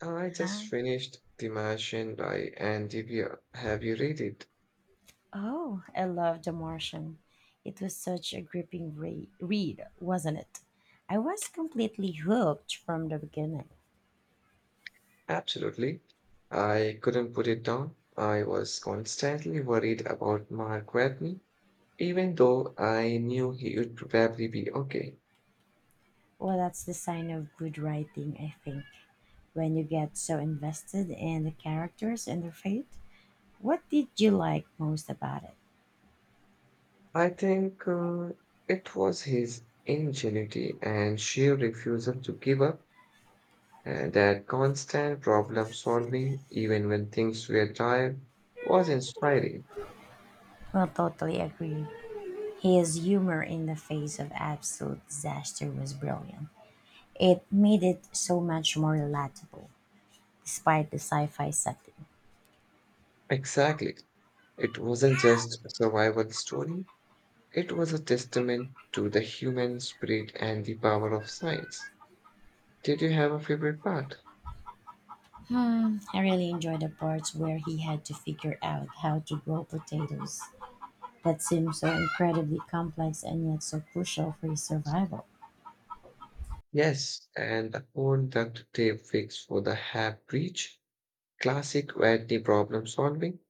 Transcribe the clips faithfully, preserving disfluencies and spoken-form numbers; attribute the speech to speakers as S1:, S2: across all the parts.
S1: I just
S2: Ah,
S1: finished The Martian by Anne DeVere. Have you read it?
S2: oh, I loved The Martian. It was such a gripping re- read, wasn't it? I was completely hooked from the beginning.
S1: Absolutely. I couldn't put it down. I was constantly worried about Mark Watney, even though I knew he would probably be okay.
S2: Well, that's the sign of good writing, I think. When you get so invested in the characters and their fate, what did you like most about it?
S1: I think uh, it was his ingenuity and sheer refusal to give up, and that constant problem solving, even when things were dire, was inspiring.
S2: Well, totally agree. His humor in the face of absolute disaster was brilliant. It made it so much more relatable, despite the sci fi setting.
S1: Exactly. It wasn't just a survival story, it was a testament to the human spirit and the power of science. Did you have a favorite part?
S2: I really enjoyed the parts where he had to figure out how to grow potatoes. That seemed so incredibly complex and yet so crucial for his survival.
S1: Yes, and the phone duct tape fix for the half breach, classic Whitney problem solving.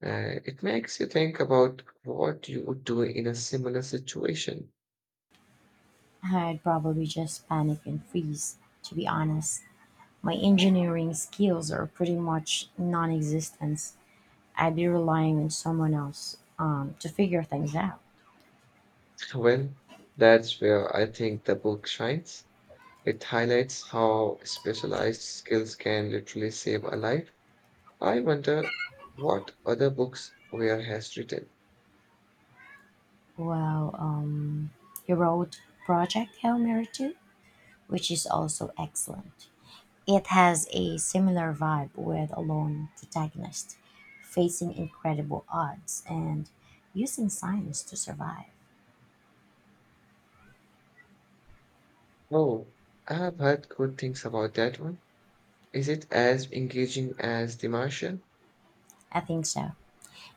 S1: Uh, it makes you think about what you would do in a similar situation.
S2: I'd probably just panic and freeze, to be honest. My engineering skills are pretty much non existent. I'd be relying on someone else um, to figure things out.
S1: Well, that's where I think the book shines. It highlights how specialized skills can literally save a life. I wonder what other books Weir has written.
S2: Well, um, he wrote Project Hail Mary two, which is also excellent. It has a similar vibe with a lone protagonist facing incredible odds and using science to survive.
S1: Oh, I have heard good things about that one. Is it as engaging as The Martian?
S2: I think so.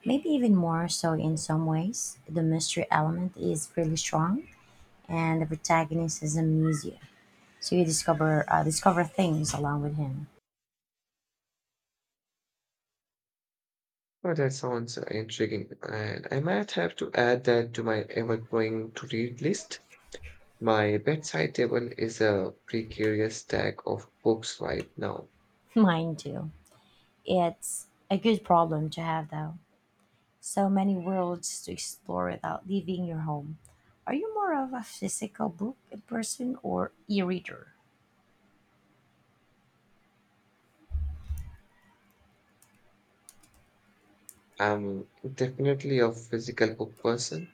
S2: Maybe even more so in some ways. The mystery element is really strong, and the protagonist is amnesia, so you discover uh, discover things along with him.
S1: Oh, that sounds intriguing, and I might have to add that to my ever-growing to-read list. My bedside table is a precarious stack of books right now.
S2: Mine too. It's a good problem to have, though. So many worlds to explore without leaving your home. Are you more of a physical book person or e reader?
S1: I'm definitely a physical book person.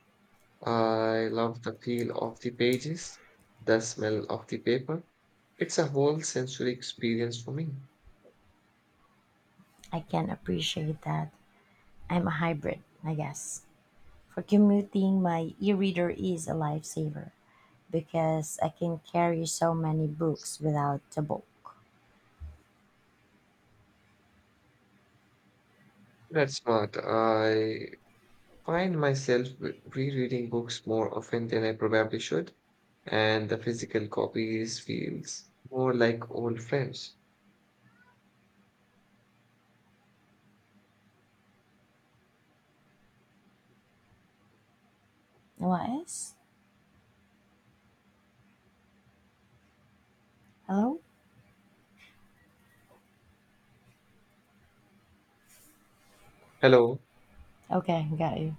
S1: I love the feel of the pages, the smell of the paper. It's a whole sensory experience for me.
S2: I can appreciate that. I'm a hybrid, I guess. For commuting, my e reader is a lifesaver because I can carry so many books without a book.
S1: That's smart. I find myself re- rereading books more often than I probably should, and the physical copies feels more like old friends.
S2: What else? Hello?
S1: Hello,
S2: Okay, got you.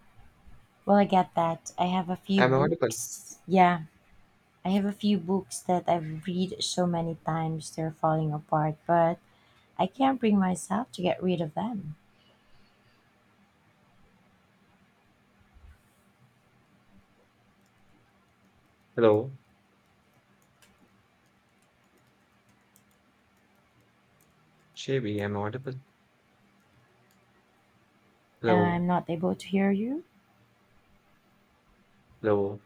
S2: Well, I get that. I have a few
S1: am I audible?
S2: books. Yeah, I have a few books that I've read so many times they're falling apart, but I can't bring myself to get rid of them.
S1: Hello, Shabby, am I audible? Hello,
S2: I'm not able to hear you.
S1: hello,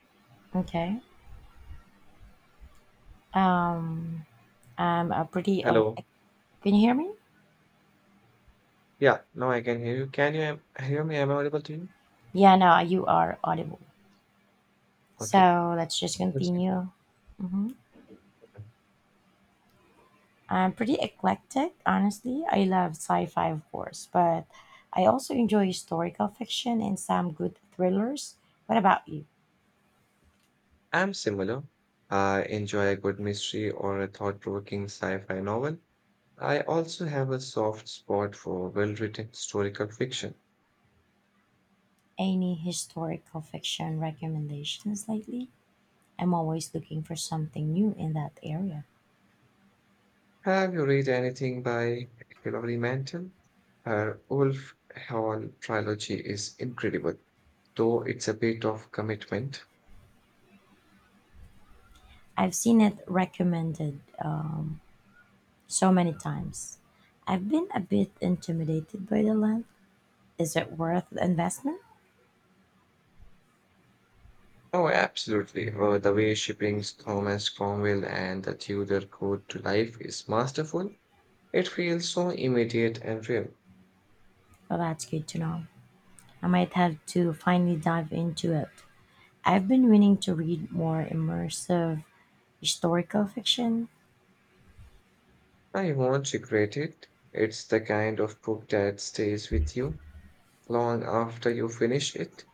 S2: Okay. Um, I'm a pretty. Oh,
S1: hello.
S2: can you hear me?
S1: Yeah, now I can hear you. Can you am- hear me? Am I audible to you?
S2: Yeah, no, you are audible.
S1: Okay.
S2: So let's just
S1: Yes,
S2: continue. Hmm.
S1: I can.
S2: I'm pretty eclectic, honestly. I love sci fi, of course, but I also enjoy historical fiction and some good thrillers. What about you?
S1: I'm similar. I enjoy a good mystery or a thought-provoking sci-fi novel. I also have a soft spot for well-written historical fiction.
S2: Any historical fiction recommendations lately? I'm always looking for something new in that area.
S1: Have you read anything by Hilary Mantel? Her Wolf Hall trilogy is incredible, though it's a bit of commitment.
S2: I've seen it recommended um, so many times. I've been a bit intimidated by the length. Is it worth the investment?
S1: Oh, absolutely. Uh, the way she brings Thomas Cromwell and the Tudor court to life is masterful. It feels so immediate and real.
S2: Well, that's good to know. I might have to finally dive into it. I've been meaning to read more immersive historical fiction.
S1: I won't regret it. It's the kind of book that stays with you long after you finish it.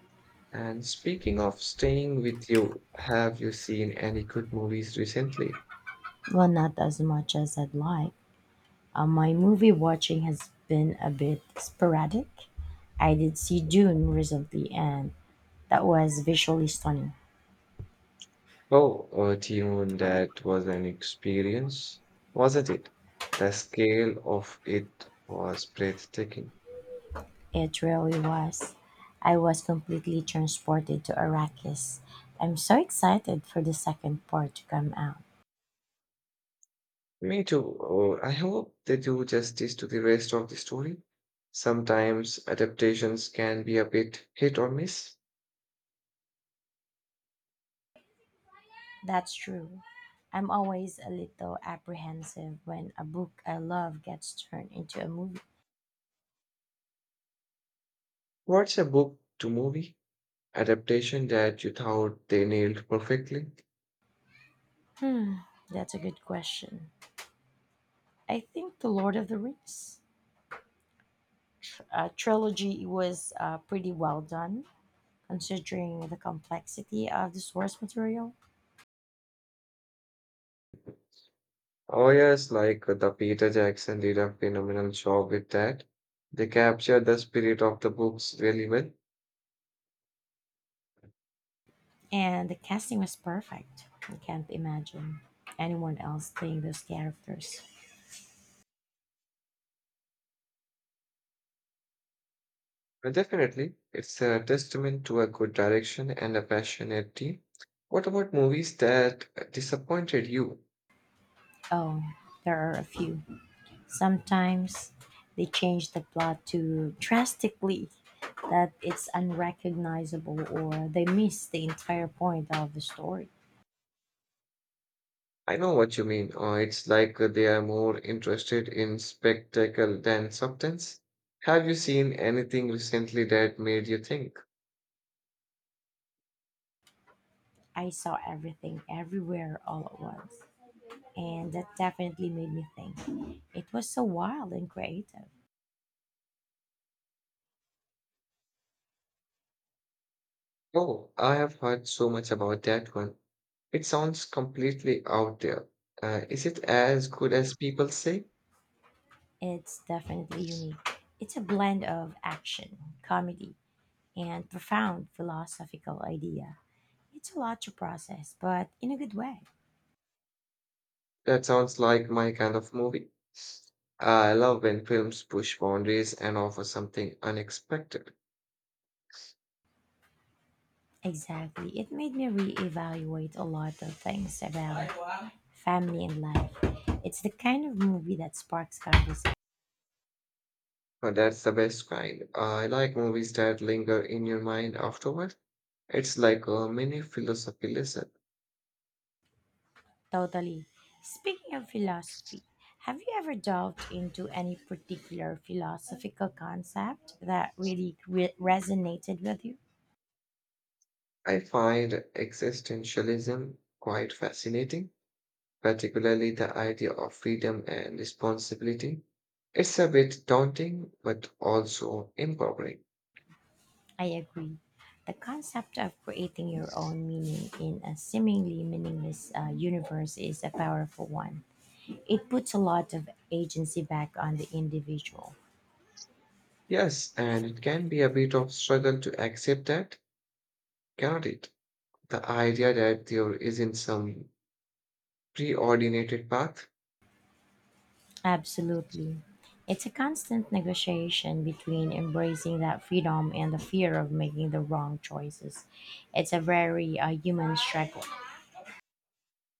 S1: And speaking of staying with you, have you seen any good movies recently?
S2: Well, not as much as I'd like. Uh, my movie watching has been a bit sporadic. I did see Dune recently, and that was visually stunning.
S1: Oh, uh, Dune, that was an experience, wasn't it? The scale of it was breathtaking.
S2: It really was. I was completely transported to Arrakis. I'm so excited for the second part to come out.
S1: Me too. Oh, I hope they do justice to the rest of the story. Sometimes adaptations can be a bit hit or miss.
S2: That's true. I'm always a little apprehensive when a book I love gets turned into a movie.
S1: What's a book to movie adaptation that you thought they nailed perfectly?
S2: Hmm, that's a good question. I think The Lord of the Rings uh, trilogy was uh, pretty well done, considering the complexity of the source material.
S1: Oh, yes, like uh, the Peter Jackson did a phenomenal job with that. They captured the spirit of the books really well.
S2: And the casting was perfect. I can't imagine anyone else playing those characters.
S1: But definitely, it's a testament to a good direction and a passionate team. What about movies that uh, disappointed you?
S2: Oh, there are a few. Sometimes they change the plot too drastically that it's unrecognizable or they miss the entire point of the story.
S1: I know what you mean. Uh, it's like uh, they are more interested in spectacle than substance. Have you seen anything recently that made you think?
S2: I saw everything everywhere all at once. And that definitely made me think. It was so wild and creative.
S1: Oh, I have heard so much about that one. It sounds completely out there. Uh, is it as good as people say?
S2: It's definitely unique. It's a blend of action, comedy, and profound philosophical idea. It's a lot to process, but in a good way.
S1: That sounds like my kind of movie. I love when films push boundaries and offer something unexpected.
S2: Exactly. It made me reevaluate a lot of things about family and life. It's the kind of movie that sparks conversation.
S1: But that's the best kind. I like movies that linger in your mind afterward. It's like a mini philosophy lesson.
S2: Totally. Speaking of philosophy, have you ever delved into any particular philosophical concept that really re- resonated with you?
S1: I find existentialism quite fascinating, particularly the idea of freedom and responsibility. It's a bit daunting, but also empowering.
S2: I agree. The concept of creating your own meaning in a seemingly meaningless uh, universe is a powerful one. It puts a lot of agency back on the individual.
S1: Yes, and it can be a bit of struggle to accept that, cannot it? The idea that there isn't some preordinated path.
S2: Absolutely. It's a constant negotiation between embracing that freedom and the fear of making the wrong choices. It's a very uh, human struggle.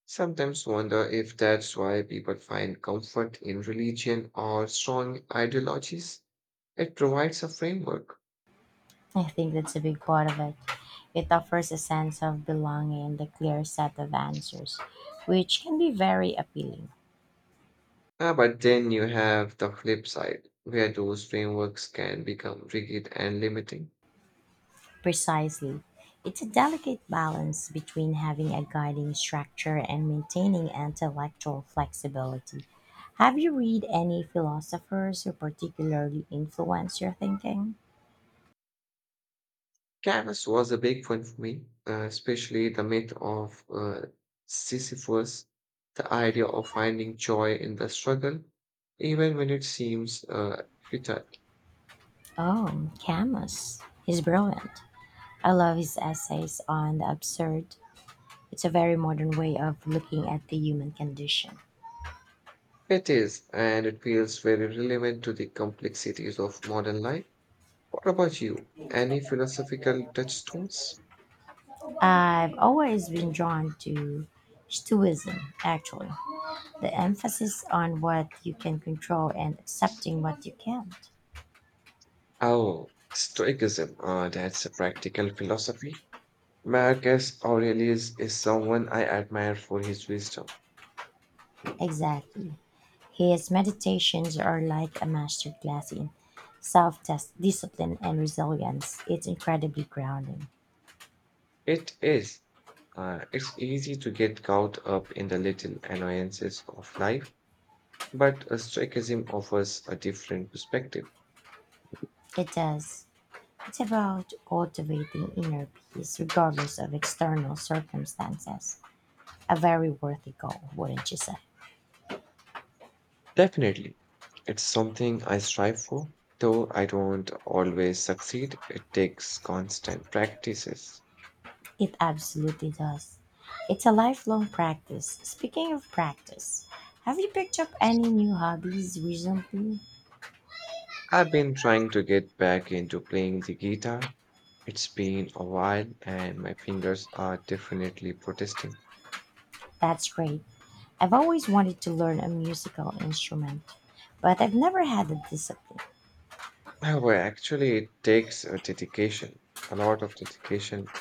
S1: Sometimes wonder if that's why people find comfort in religion or strong ideologies. It provides a framework.
S2: I think that's a big part of it. It offers a sense of belonging and a clear set of answers, which can be very appealing.
S1: Ah, but then you have the flip side, where those frameworks can become rigid and limiting.
S2: Precisely. It's a delicate balance between having a guiding structure and maintaining intellectual flexibility. Have you read any philosophers who particularly influence your thinking?
S1: Canvas was a big one for me, uh, especially the myth of uh, Sisyphus, the idea of finding joy in the struggle, even when it seems uh, futile.
S2: Oh, Camus. He's brilliant. I love his essays on the absurd. It's a very modern way of looking at the human condition.
S1: It is, and it feels very relevant to the complexities of modern life. What about you? Any philosophical touchstones?
S2: I've always been drawn to Stoicism, actually. The emphasis on what you can control and accepting what you can't.
S1: Oh, Stoicism. Uh, that's a practical philosophy. Marcus Aurelius is someone I admire for his wisdom.
S2: Exactly. His meditations are like a masterclass in self discipline and resilience. It's incredibly grounding.
S1: It is. Uh, it's easy to get caught up in the little annoyances of life, but a Stoicism offers a different perspective.
S2: It does. It's about cultivating inner peace regardless of external circumstances. A very worthy goal, wouldn't you say?
S1: Definitely. It's something I strive for, though I don't always succeed. It takes constant practices.
S2: It absolutely does. It's a lifelong practice. Speaking of practice, have you picked up any new hobbies recently?
S1: I've been trying to get back into playing the guitar. It's been a while, and my fingers are definitely protesting.
S2: That's great. I've always wanted to learn a musical instrument, but I've never had the discipline.
S1: Well, well, actually, it takes a dedication, a lot of dedication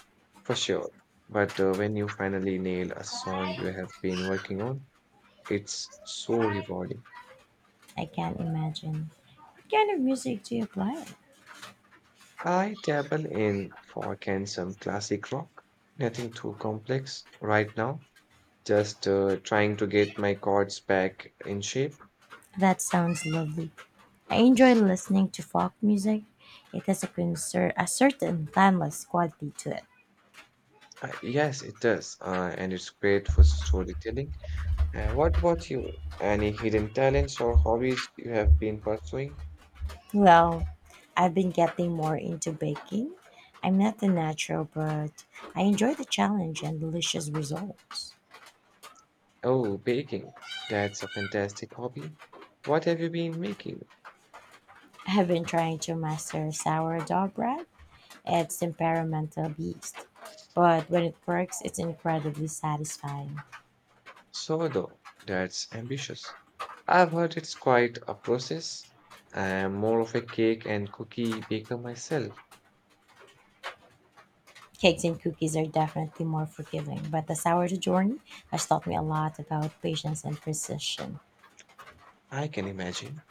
S1: for sure. But uh, when you finally nail a song you have been working on, it's so rewarding.
S2: I can't imagine. What kind of music do you play?
S1: I dabble in folk and some classic rock, nothing too complex right now, just uh, trying to get my chords back in shape.
S2: That sounds lovely. I enjoy listening to folk music. It has a, concert, a certain timeless quality to it.
S1: Uh, yes, it does, uh, and it's great for storytelling. Uh, what about you? Any hidden talents or hobbies you have been pursuing?
S2: Well, I've been getting more into baking. I'm not a natural, but I enjoy the challenge and delicious results.
S1: Oh, baking. That's a fantastic hobby. What have you been making?
S2: I have been trying to master sourdough bread. It's experimental beast, but when it works, it's incredibly satisfying.
S1: Sourdough. That's ambitious. I've heard it's quite a process. I'm more of a cake and cookie baker myself.
S2: Cakes and cookies are definitely more forgiving, but the sourdough journey has taught me a lot about patience and precision.
S1: I can imagine.